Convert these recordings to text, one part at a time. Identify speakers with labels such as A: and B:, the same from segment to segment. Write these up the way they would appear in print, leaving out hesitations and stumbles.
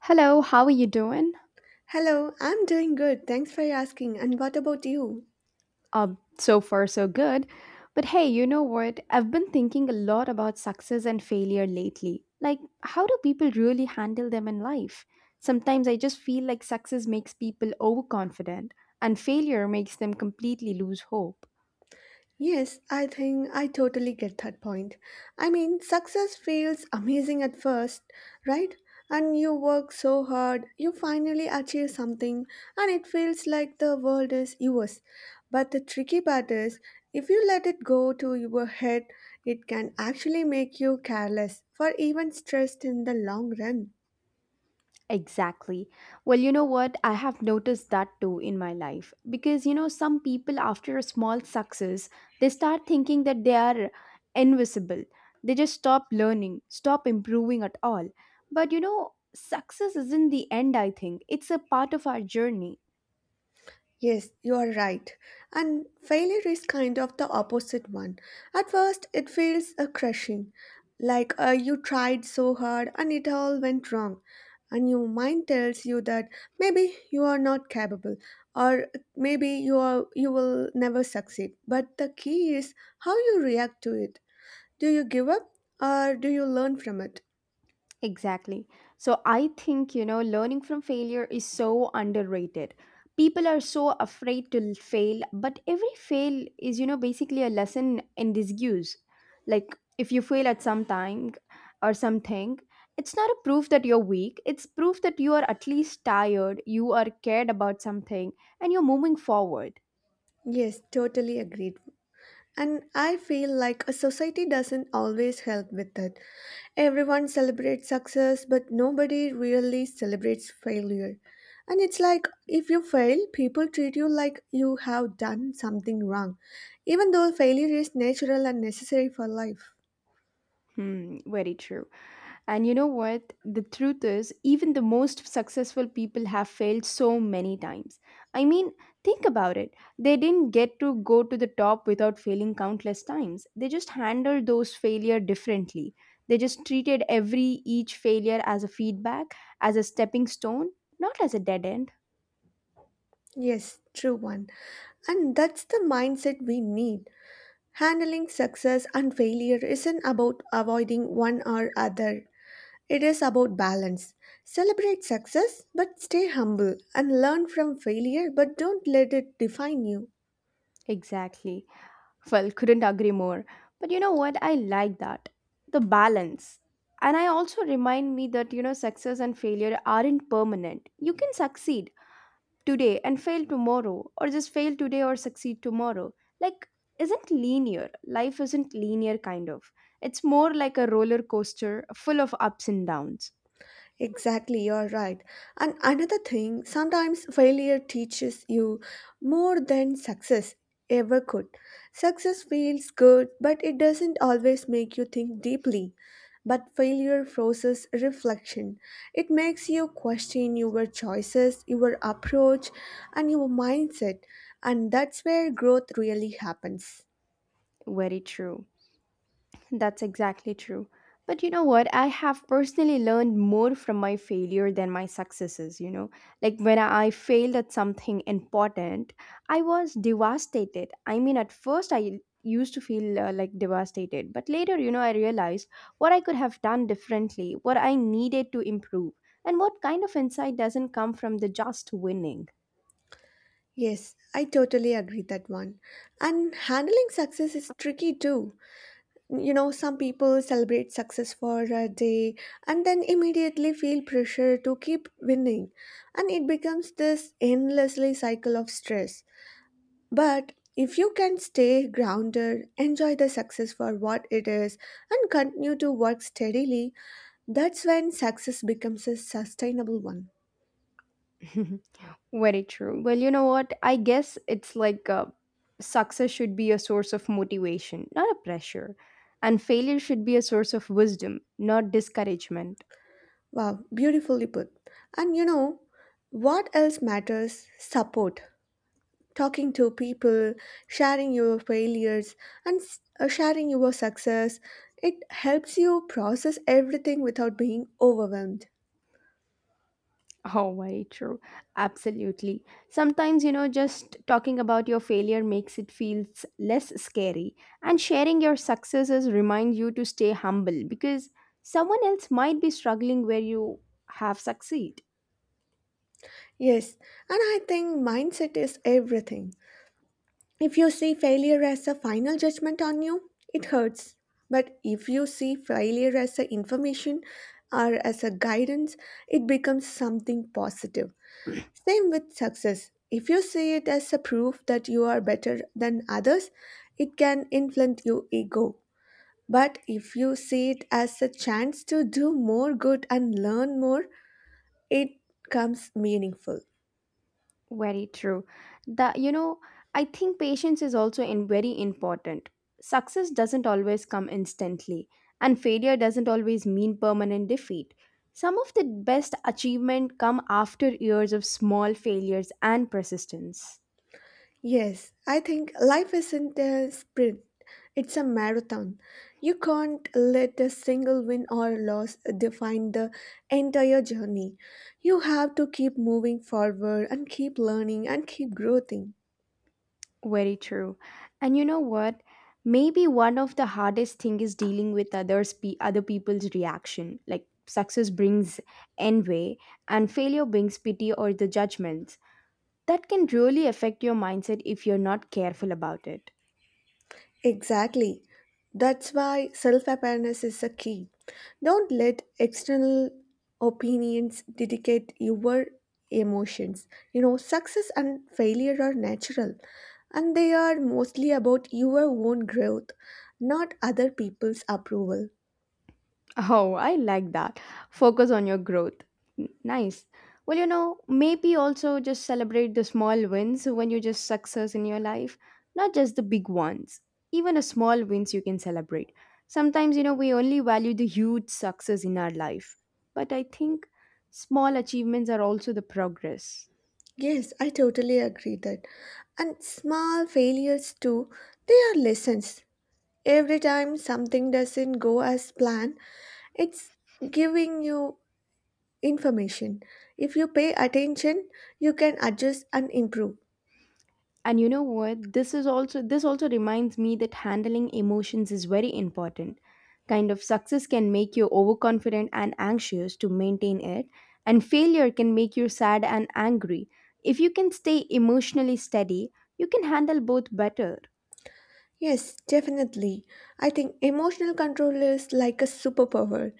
A: Hello, how are you doing?
B: Hello, I'm doing good. Thanks for asking. And what about you?
A: Uh, so far, so good. But hey, you know what? I've been thinking a lot about success and failure lately. Like, how do people really handle them in life? Sometimes I just feel like success makes people overconfident and failure makes them completely lose hope.
B: Yes, I think I totally get that point. I mean, success feels amazing at first, right? And you work so hard, you finally achieve something, and it feels like the world is yours. But the tricky part is, if you let it go to your head, it can actually make you careless or even stressed in the long run.
A: Exactly. Well, you know what? I have noticed that too in my life. Because, you know, some people, after a small success, they start thinking that they are invisible. They just stop learning, stop improving at all. But, you know, success isn't the end, I think. It's a part of our journey.
B: Yes, you are right. And failure is kind of the opposite one. At first, it feels a crushing, like you tried so hard and it all went wrong. And your mind tells you that maybe you are not capable, or maybe you will never succeed. But the key is how you react to it. Do you give up or do you learn from it?
A: Exactly. So I think, you know, learning from failure is so underrated. People are so afraid to fail, but every fail is, you know, basically a lesson in disuse. Like if you fail at some time or something, it's not a proof that you're weak. It's proof that you are at least tired, you are cared about something, and you're moving forward.
B: Yes, totally agreed. And I feel like a society doesn't always help with it. Everyone celebrates success, but nobody really celebrates failure. And it's like if you fail, people treat you like you have done something wrong, even though failure is natural and necessary for life.
A: Hmm, very true. And you know what? The truth is, even the most successful people have failed so many times. I mean, think about it. They didn't get to go to the top without failing countless times. They just handled those failure differently. They just treated every each failure as a feedback, as a stepping stone, not as a dead end.
B: Yes, true one. And that's the mindset we need. Handling success and failure isn't about avoiding one or other. It is about balance. Celebrate success, but stay humble and learn from failure, but don't let it define you.
A: Exactly. Well, couldn't agree more. But you know what? I like that. The balance. And I also remind me that, you know, success and failure aren't permanent. You can succeed today and fail tomorrow, or just fail today or succeed tomorrow. Like, isn't linear. Life isn't linear, kind of. It's more like a roller coaster full of ups and downs.
B: Exactly, you're right. And another thing, sometimes failure teaches you more than success ever could. Success feels good, but it doesn't always make you think deeply. But failure forces reflection. It makes you question your choices, your approach, and your mindset. And that's where growth really happens.
A: Very true. That's exactly true. But you know what? I have personally learned more from my failure than my successes, you know. Like when I failed at something important, I was devastated. I mean, at first I used to feel like devastated, but later, you know, I realized what I could have done differently, what I needed to improve, and what kind of insight doesn't come from the just winning.
B: Yes, I totally agree that one. And handling success is tricky too. You know, some people celebrate success for a day, and then immediately feel pressure to keep winning, and it becomes this endlessly cycle of stress. But if you can stay grounded, enjoy the success for what it is, and continue to work steadily, that's when success becomes a sustainable one.
A: Very true. Well, you know what? I guess it's like success should be a source of motivation, not a pressure. And failure should be a source of wisdom, not discouragement.
B: Wow, beautifully put. And you know, what else matters? Support. Talking to people, sharing your failures, and sharing your success. It helps you process everything without being overwhelmed.
A: Oh, very true. Absolutely. Sometimes, you know, just talking about your failure makes it feels less scary. And sharing your successes remind you to stay humble because someone else might be struggling where you have succeed.
B: Yes, and I think mindset is everything. If you see failure as a final judgment on you, it hurts. But if you see failure as a information or as a guidance, it becomes something positive. Same with success. If you see it as a proof that you are better than others, it can inflate your ego. But if you see it as a chance to do more good and learn more, it becomes meaningful.
A: Very true. The you know, I think patience is also in very important. Success doesn't always come instantly, and failure doesn't always mean permanent defeat. Some of the best achievement come after years of small failures and persistence.
B: Yes, I think life isn't a sprint, it's a marathon. You can't let a single win or loss define the entire journey. You have to keep moving forward and keep learning and keep growing.
A: Very true. And you know what? Maybe one of the hardest thing is dealing with others other people's reaction. Like success brings envy and failure brings pity or the judgment. That can really affect your mindset if you're not careful about it.
B: Exactly. That's why self awareness is a key. Don't let external opinions dictate your emotions. You know, success and failure are natural, and they are mostly about your own growth, not other people's approval.
A: Oh, I like that. Focus on your growth. Nice. Well, you know, maybe also just celebrate the small wins when you just success in your life, not just the big ones. Even a small wins you can celebrate. Sometimes, you know, we only value the huge success in our life. But I think small achievements are also the progress.
B: Yes, I totally agree that. And small failures too, they are lessons. Every time something doesn't go as planned, it's giving you information. If you pay attention, you can adjust and improve.
A: And you know what? This also reminds me that handling emotions is very important. Kind of success can make you overconfident and anxious to maintain it, and failure can make you sad and angry. If you can stay emotionally steady, you can handle both better.
B: Yes, definitely. I think emotional control is like a superpower.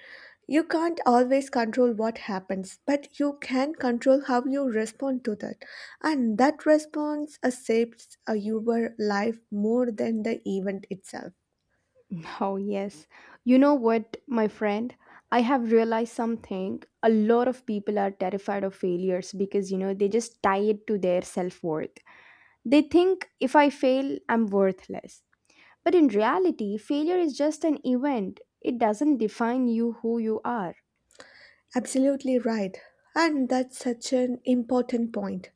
B: You can't always control what happens, but you can control how you respond to that. And that response shapes your life more than the event itself.
A: Oh yes. You know what, my friend? I have realized something. A lot of people are terrified of failures because you know they just tie it to their self-worth. They think if I fail, I'm worthless. But in reality, failure is just an event. It doesn't define you who you are.
B: Absolutely right. And that's such an important point.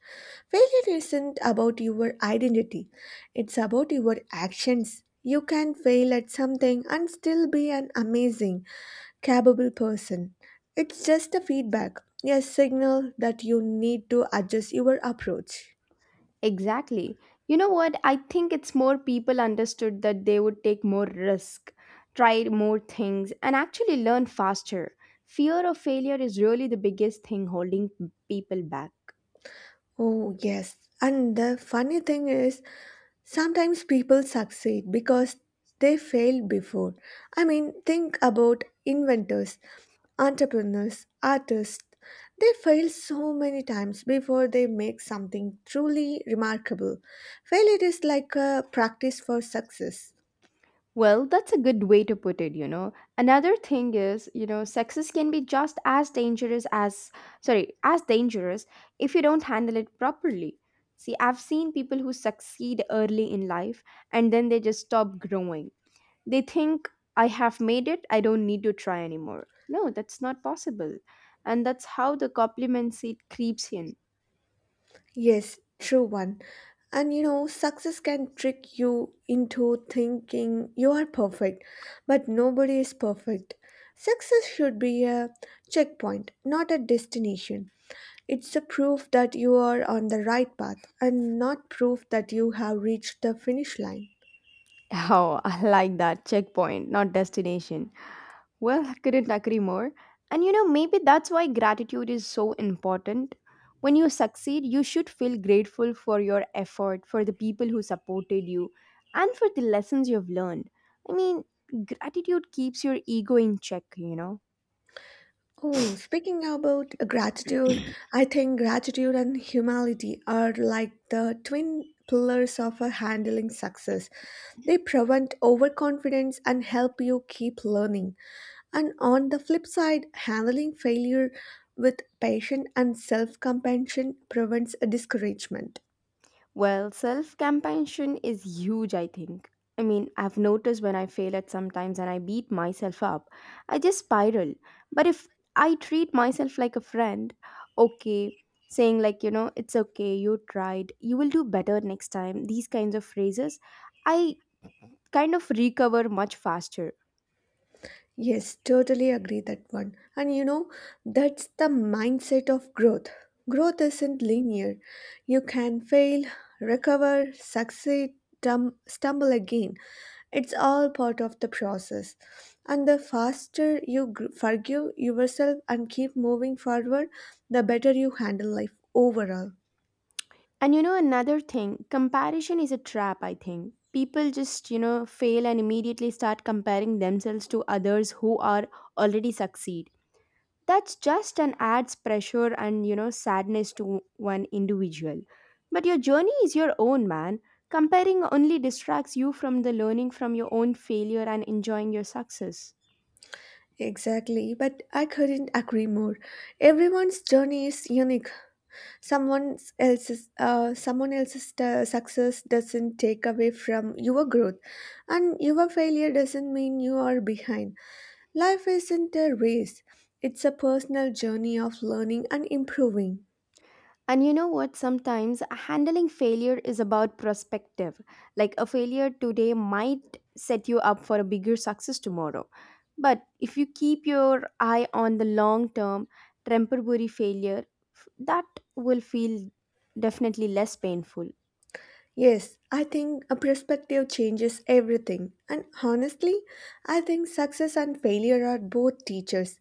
B: Failure isn't about your identity, it's about your actions. You can fail at something and still be an amazing, capable person. It's just a feedback, a signal that you need to adjust your approach.
A: Exactly. You know what? I think it's more people understood that they would take more risk, try more things, and actually learn faster. Fear of failure is really the biggest thing holding people back.
B: Oh, yes. And the funny thing is, sometimes people succeed because they failed before. I mean, think about inventors, entrepreneurs, artists. They fail so many times before they make something truly remarkable. Failure is like a practice for success.
A: Well, that's a good way to put it, you know. Another thing is, you know, sexist can be just as dangerous as, sorry, as dangerous if you don't handle it properly. See, I've seen people who succeed early in life and then they just stop growing. They think, I have made it, I don't need to try anymore. No, that's not possible. And that's how the compliment seat creeps in.
B: Yes, true one. And you know, success can trick you into thinking you are perfect, but nobody is perfect. Success should be a checkpoint, not a destination. It's a proof that you are on the right path and not proof that you have reached the finish line.
A: Oh, I like that checkpoint, not destination. Well, I couldn't agree more. And you know, maybe that's why gratitude is so important. When you succeed, you should feel grateful for your effort, for the people who supported you, and for the lessons you've learned. I mean, gratitude keeps your ego in check, you
B: Oh, speaking about
A: know.
B: gratitude, I think gratitude and humility are like the twin pillars of a handling success. They prevent overconfidence and help you keep learning. And on the flip side, handling failure with patience and self compassion prevents discouragement.
A: Well, self compassion is huge, I think. I mean, I've noticed when I fail at sometimes and I beat myself up, I just spiral. But if I treat myself like a friend, okay, saying like, you know, it's okay, you tried, you will do better next time, these kinds of phrases, I kind of recover much faster.
B: Yes, totally agree that one. And you know, that's the mindset of growth. Growth isn't linear. You can fail, recover, succeed, stumble again. It's all part of the process. And the faster you forgive yourself and keep moving forward, the better you handle life overall.
A: And you know, another thing, comparison is a trap, I think. People just, you know, fail and immediately start comparing themselves to others who are already succeed. That's just an adds pressure and, you know, sadness to one individual. But your journey is your own, man. Comparing only distracts you from the learning from your own failure and enjoying your success.
B: Exactly, but I couldn't agree more. Everyone's journey is unique. Someone else's success doesn't take away from your growth, and your failure doesn't mean you are behind. Life isn't a race, it's a personal journey of learning and improving.
A: And you know what? Sometimes handling failure is about perspective. Like a failure today might set you up for a bigger success tomorrow. But if you keep your eye on the long term, temporary failure, that will feel definitely less painful.
B: Yes, I think a perspective changes everything. And honestly, I think success and failure are both teachers.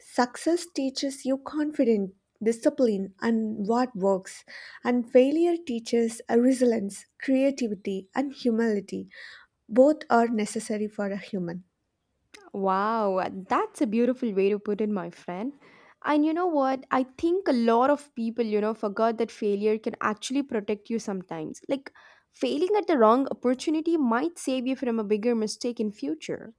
B: Success teaches you confidence, discipline, and what works. And failure teaches a resilience, creativity, and humility. Both are necessary for a human.
A: Wow, that's a beautiful way to put it, my friend. And you know what? I think a lot of people, you know, forgot that failure can actually protect you sometimes. Like failing at the wrong opportunity might save you from a bigger mistake in future.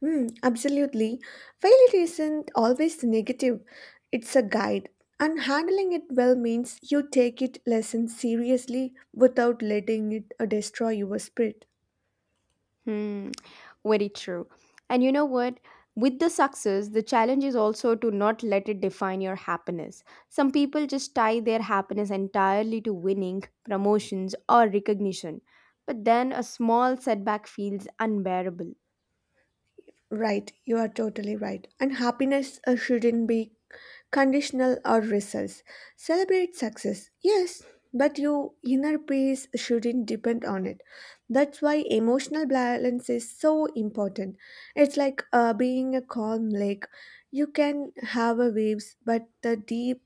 B: Hmm, absolutely. Failure isn't always negative, it's a guide. And handling it well means you take it less seriously without letting it destroy your spirit.
A: Hmm, very true. And you know what? With the success, the challenge is also to not let it define your happiness. Some people just tie their happiness entirely to winning, promotions, or recognition, but then a small setback feels unbearable.
B: Right, you are totally right. And happiness shouldn't be conditional or results. Celebrate success, yes, but your inner peace shouldn't depend on it. That's why emotional balance is so important. It's like being a calm lake. You can have a waves, but the deep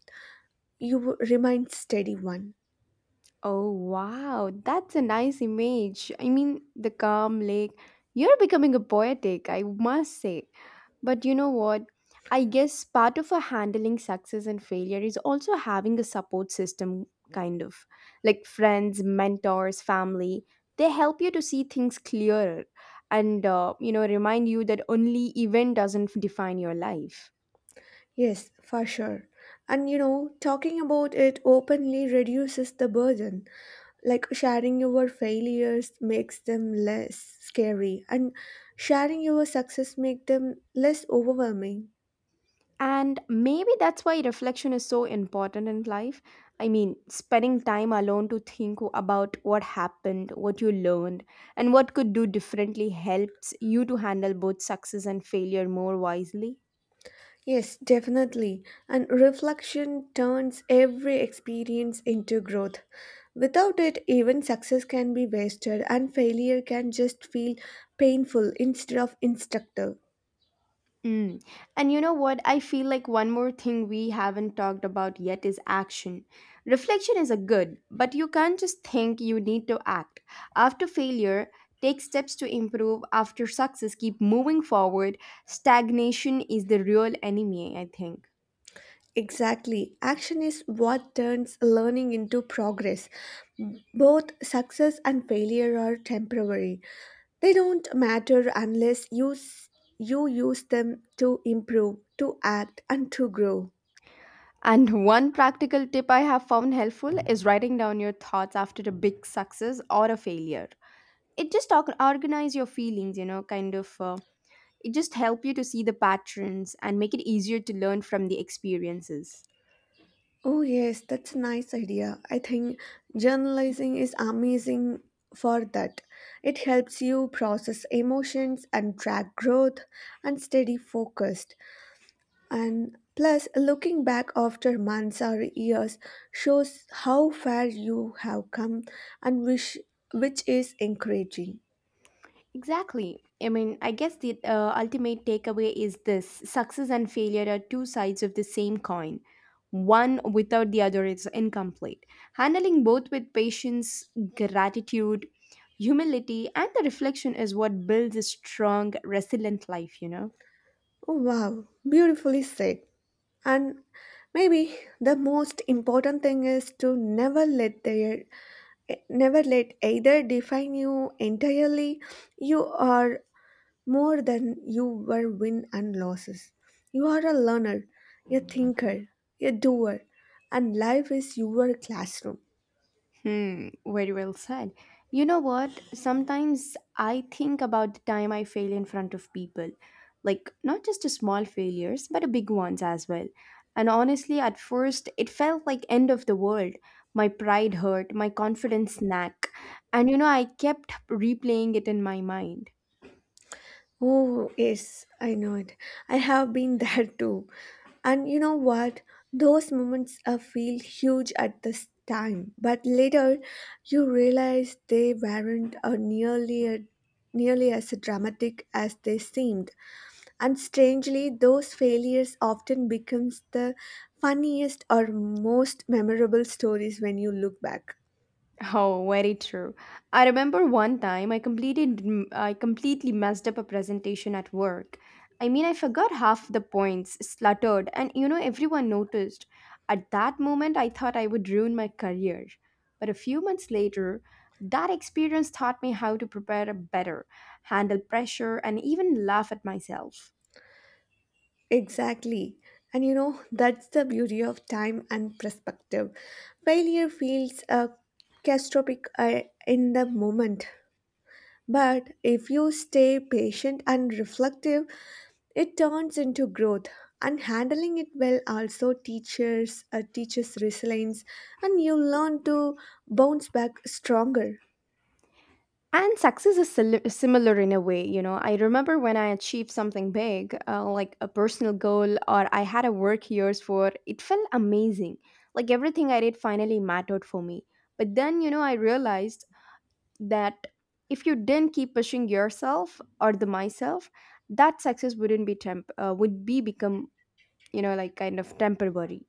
B: you remain steady one.
A: Oh, wow. That's a nice image. I mean, the calm lake. You're becoming a poetic, I must say. But you know what? I guess part of a handling success and failure is also having a support system, kind of like friends, mentors, family. They help you to see things clearer and, you know, remind you that only event doesn't define your life.
B: Yes, for sure. And you know, talking about it openly reduces the burden. Like sharing your failures makes them less scary, and sharing your success make them less overwhelming.
A: And maybe that's why reflection is so important in life. I mean, spending time alone to think about what happened, what you learned, and what could do differently helps you to handle both success and failure more wisely.
B: Yes, definitely. And reflection turns every experience into growth. Without it, even success can be wasted, and failure can just feel painful instead of instructive.
A: Mm. And you know what? I feel like one more thing we haven't talked about yet is action. Reflection is a good, but you can't just think you need to act. After failure, take steps to improve. After success, keep moving forward. Stagnation is the real enemy, I think.
B: Exactly. Action is what turns learning into progress. Both success and failure are temporary. They don't matter unless you use them to improve, to act and to grow.
A: And one practical tip I have found helpful is writing down your thoughts after a big success or a failure. It just organize your feelings, you know, kind of. It just helps you to see the patterns and make it easier to learn from the experiences.
B: Oh yes, that's a nice idea. I think journalizing is amazing for that. It helps you process emotions and track growth and stay focused. And plus, looking back after months or years shows how far you have come, and which is encouraging.
A: Exactly. I mean, I guess the ultimate takeaway is this success and failure are two sides of the same coin. One without the other is incomplete. Handling both with patience, gratitude, humility, and the reflection is what builds a strong, resilient life, you know?
B: Wow, beautifully said. And maybe the most important thing is to never let either define you entirely. You are more than you were win and losses. You are a learner, a thinker, a doer, and life is your classroom.
A: Hmm, very well said. You know what? Sometimes I think about the time I fail in front of people. Like, not just the small failures, but the big ones as well. And honestly, at first, it felt like end of the world. My pride hurt, my confidence snack. And you know, I kept replaying it in my mind.
B: Oh, yes, I know it. I have been there too. And you know what? Those moments feel huge at this time, but later you realize they weren't nearly as dramatic as they seemed. And strangely, those failures often becomes the funniest or most memorable stories when you look back.
A: Oh, very true. I remember one time I completely messed up a presentation at work. I mean, I forgot half the points, sluttered, and you know everyone noticed. At that moment, I thought I would ruin my career. But a few months later, that experience taught me how to prepare better, handle pressure, and even laugh at myself.
B: Exactly. And you know, that's the beauty of time and perspective. Failure feels catastrophic in the moment. But if you stay patient and reflective, it turns into growth. And handling it well also teaches resilience, and you learn to bounce back stronger.
A: And success is similar in a way, you know. I remember when I achieved something big, like a personal goal, or I had a work years for, it felt amazing. Like everything I did finally mattered for me. But then, you know, I realized that if you didn't keep pushing yourself or the myself, that success wouldn't be would be become, like kind of temporary.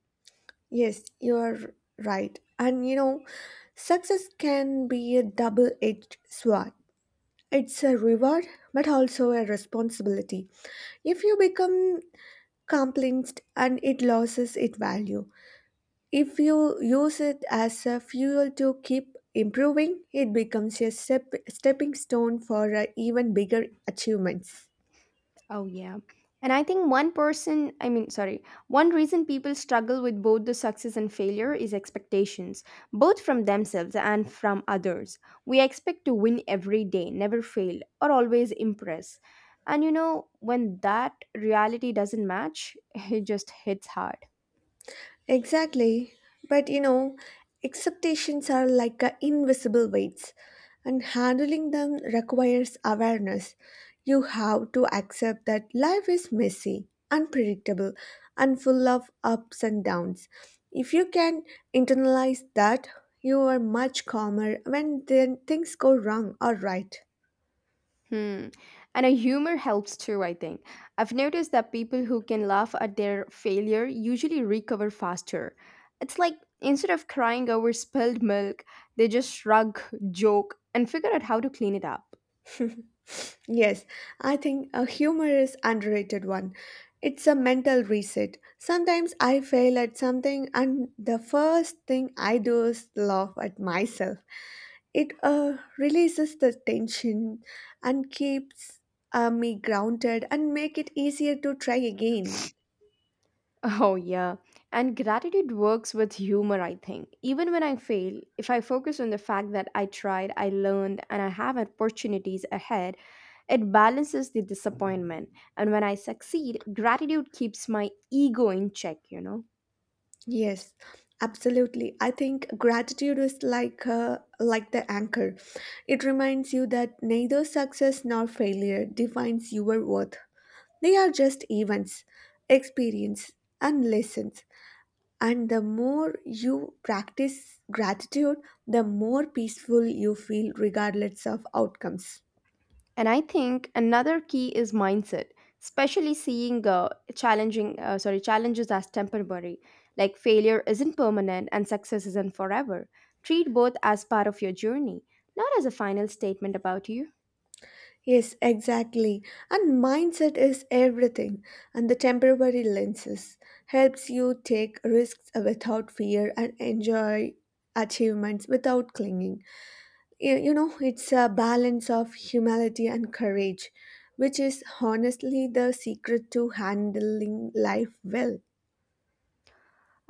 B: Yes, you're right. And you know, success can be a double edged sword. It's a reward, but also a responsibility. If you become compliant and it loses its value, if you use it as a fuel to keep improving, it becomes a stepping stone for even bigger achievements.
A: Oh, yeah. And I think one person, I mean, sorry, one reason people struggle with both the success and failure is expectations, both from themselves and from others. We expect to win every day, never fail, or always impress. And you know, when that reality doesn't match, it just hits hard.
B: Exactly. But you know, expectations are like a invisible weights, and handling them requires awareness. You have to accept that life is messy, unpredictable, and full of ups and downs. If you can internalize that, you are much calmer when then things go wrong or right.
A: Hmm. And a humor helps too, I think. I've noticed that people who can laugh at their failure usually recover faster. It's like instead of crying over spilled milk, they just shrug, joke, and figure out how to clean it up.
B: Yes, I think a humor is underrated one. It's a mental reset. Sometimes I fail at something and the first thing I do is laugh at myself. It releases the tension and keeps me grounded and make it easier to try again.
A: Oh, yeah. And gratitude works with humor, I think. Even when I fail, if I focus on the fact that I tried, I learned, and I have opportunities ahead, it balances the disappointment. And when I succeed, gratitude keeps my ego in check, you know?
B: Yes, absolutely. I think gratitude is like the anchor. It reminds you that neither success nor failure defines your worth. They are just events, experience, and lessons. And the more you practice gratitude, the more peaceful you feel, regardless of outcomes.
A: And I think another key is mindset, especially seeing challenges as temporary. Like failure isn't permanent and success isn't forever. Treat both as part of your journey, not as a final statement about you.
B: Yes, exactly. And mindset is everything. And the temporary lenses helps you take risks without fear and enjoy achievements without clinging. You know, it's a balance of humility and courage, which is honestly the secret to handling life well.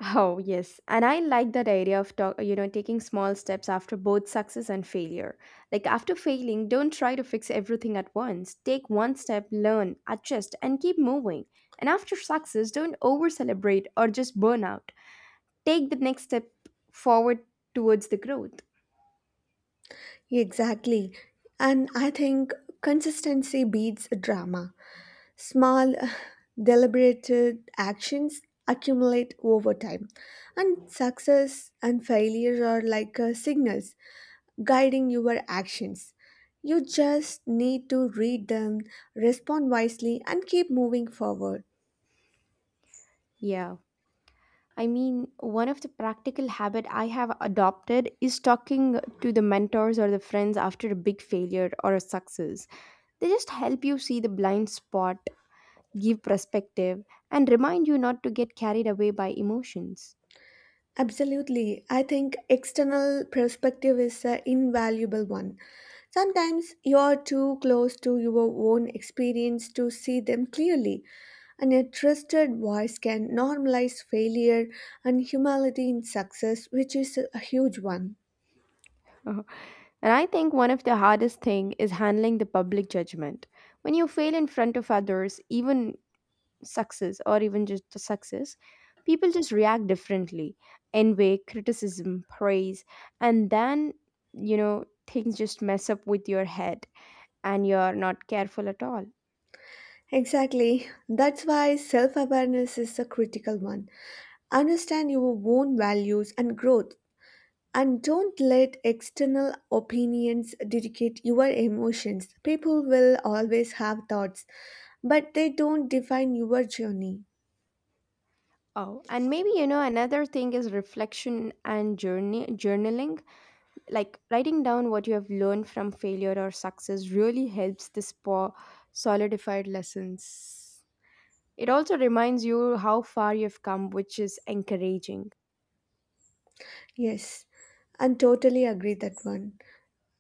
A: Oh, yes. And I like that idea of taking small steps after both success and failure. Like after failing, don't try to fix everything at once. Take one step, learn, adjust, and keep moving. And after success, don't over celebrate or just burn out. Take the next step forward towards the growth.
B: Exactly. And I think consistency beats drama. Small deliberated actions accumulate over time, and success and failure are like signals guiding your actions. You just need to read them, respond wisely, and keep moving forward.
A: Yeah. I mean, one of the practical habit I have adopted is talking to the mentors or the friends after a big failure or a success. They just help you see the blind spot, give perspective, and remind you not to get carried away by emotions.
B: Absolutely. I think external perspective is an invaluable one. Sometimes you're too close to your own experience to see them clearly, and a trusted voice can normalize failure and humility in success, which is a huge one.
A: Uh-huh. And I think one of the hardest thing is handling the public judgment. When you fail in front of others, even success or even just the success, people just react differently. Envy, criticism, praise, and then you know things just mess up with your head and you're not careful at all.
B: Exactly. That's why self awareness is a critical one. Understand your own values and growth. And don't let external opinions dictate your emotions. People will always have thoughts, but they don't define your journey.
A: Oh, and maybe you know another thing is reflection and journey journaling, like writing down what you have learned from failure or success really helps solidified lessons. It also reminds you how far you've come, which is encouraging.
B: Yes, and totally agree that one.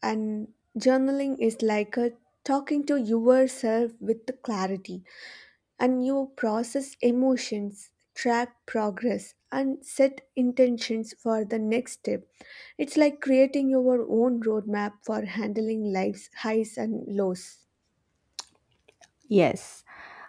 B: And journaling is like a talking to yourself with the clarity, and you process emotions, track progress, and set intentions for the next step. It's like creating your own roadmap for handling life's highs and lows.
A: Yes,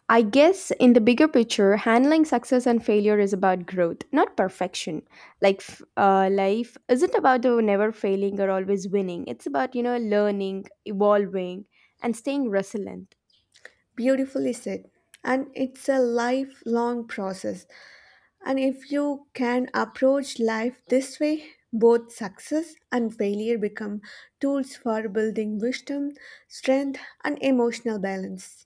A: I guess in the bigger picture, handling success and failure is about growth, not perfection. Like life isn't about never failing or always winning. It's about, you know, learning, evolving, and staying resilient.
B: Beautifully said. And it's a lifelong process. And if you can approach life this way, both success and failure become tools for building wisdom, strength, and emotional balance.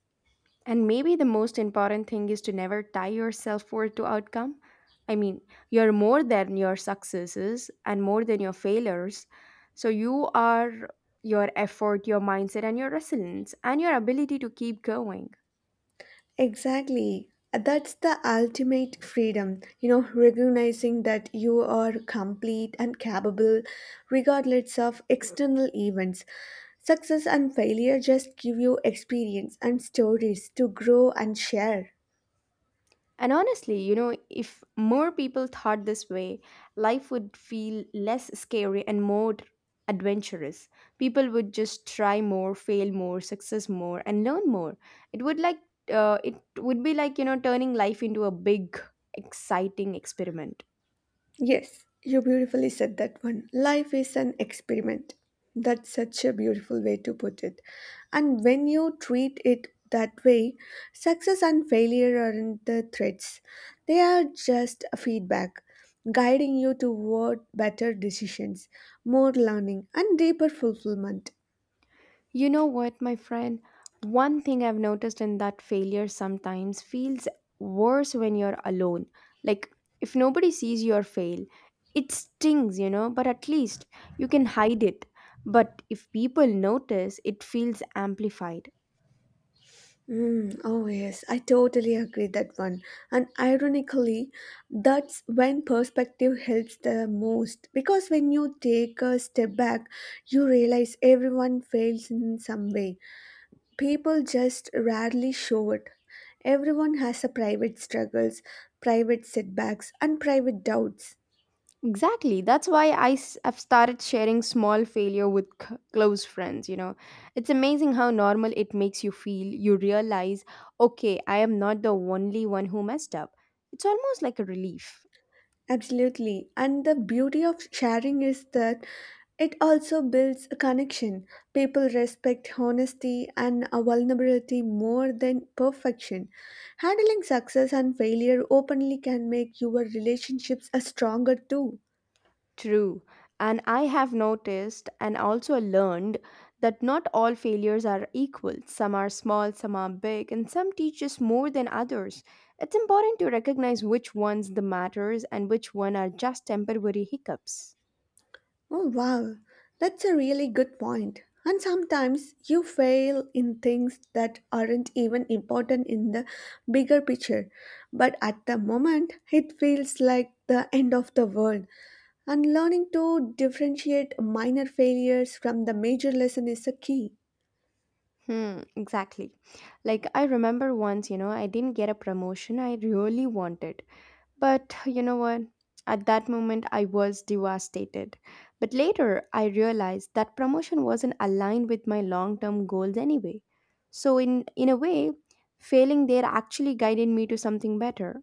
A: And maybe the most important thing is to never tie your self worth to outcome. I mean, you're more than your successes and more than your failures. So you are your effort, your mindset, and your resilience, and your ability to keep going.
B: Exactly. That's the ultimate freedom, recognizing that you are complete and capable regardless of external events. Success and failure just give you experience and stories to grow and share.
A: And honestly, you know, if more people thought this way, life would feel less scary and more adventurous. People would just try more, fail more, success more, and learn more. It would it would be like, you know, turning life into a big, exciting experiment.
B: Yes, you beautifully said that one. Life is an experiment. That's such a beautiful way to put it. And when you treat it that way, success and failure aren't the threats, they are just a feedback, guiding you toward better decisions, more learning, and deeper fulfillment.
A: You know what, my friend? One thing I've noticed in that failure sometimes feels worse when you're alone. Like, if nobody sees your fail, it stings, you know, but at least you can hide it. But if people notice, it feels amplified.
B: Mm, oh, yes, I totally agree that one. And ironically, that's when perspective helps the most because when you take a step back, you realize everyone fails in some way. People just rarely show it. Everyone has a private struggles, private setbacks, and private doubts.
A: Exactly. That's why I have started sharing small failure with close friends, you know. It's amazing how normal it makes you feel. You realize, okay, I am not the only one who messed up. It's almost like a relief.
B: Absolutely. And the beauty of sharing is that it also builds a connection. People respect honesty and a vulnerability more than perfection. Handling success and failure openly can make your relationships a stronger too.
A: True. And I have noticed and also learned that not all failures are equal. Some are small, some are big, and some teach us more than others. It's important to recognize which ones the matters and which one are just temporary hiccups.
B: Oh wow, that's a really good point. And sometimes you fail in things that aren't even important in the bigger picture, but at the moment it feels like the end of the world. And learning to differentiate minor failures from the major lesson is a key.
A: Hmm, exactly. Like I remember once, you know, I didn't get a promotion I really wanted. But you know what? At that moment, I was devastated. But later, I realized that promotion wasn't aligned with my long term goals anyway. So, in a way, failing there actually guided me to something better.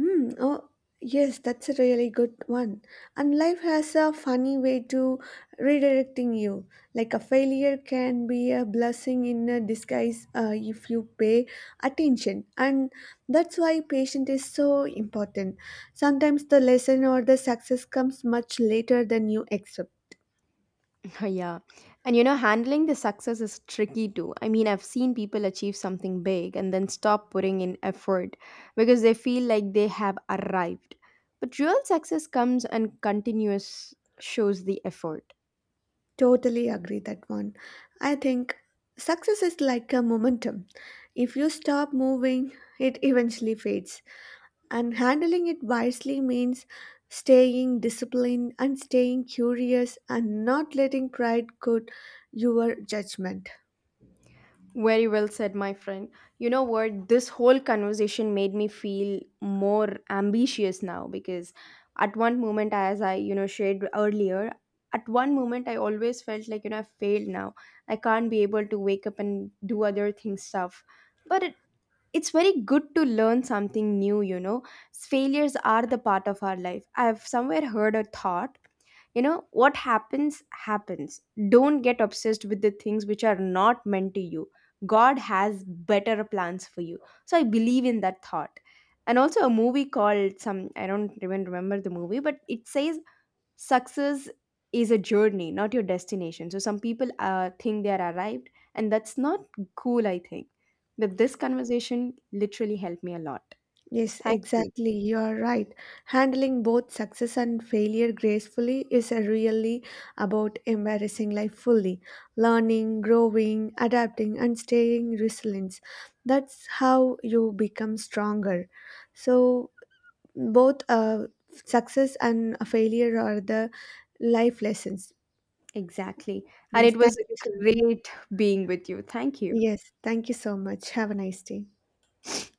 B: Hmm. Oh, yes, that's a really good one. And life has a funny way to redirecting you. Like a failure can be a blessing in a disguise if you pay attention. And that's why patience is so important. Sometimes the lesson or the success comes much later than you expect.
A: Yeah. And you know, handling the success is tricky too. I mean, I've seen people achieve something big and then stop putting in effort because they feel like they have arrived. But real success comes and continuous shows the effort.
B: Totally agree that one. I think success is like a momentum. If you stop moving, it eventually fades. And handling it wisely means staying disciplined and staying curious and not letting pride cloud your judgment.
A: Very well said, my friend. You know what? This whole conversation made me feel more ambitious now because at one moment, as I, you know, shared earlier, at one moment I always felt like, you know, I failed now. I can't be able to wake up and do other things stuff. But it's very good to learn something new, you know. Failures are the part of our life. I've somewhere heard a thought, you know. What happens happens. Don't get obsessed with the things which are not meant to you. God has better plans for you, so I believe in that thought. And also a movie called some, I don't even remember the movie, but it says success is a journey, not your destination. So some people think they are arrived, and that's not cool, I think. But this conversation literally helped me a lot.
B: Yes,
A: Thank you.
B: exactly. You are right. Handling both success and failure gracefully is a really about embarrassing life fully, learning, growing, adapting, and staying resilient. That's how you become stronger. So, both success and failure are the life lessons.
A: Exactly. And
B: Yes,
A: it
B: thank
A: was
B: you.
A: great being with you. Thank you.
B: Yes, thank you so much. Have a nice day.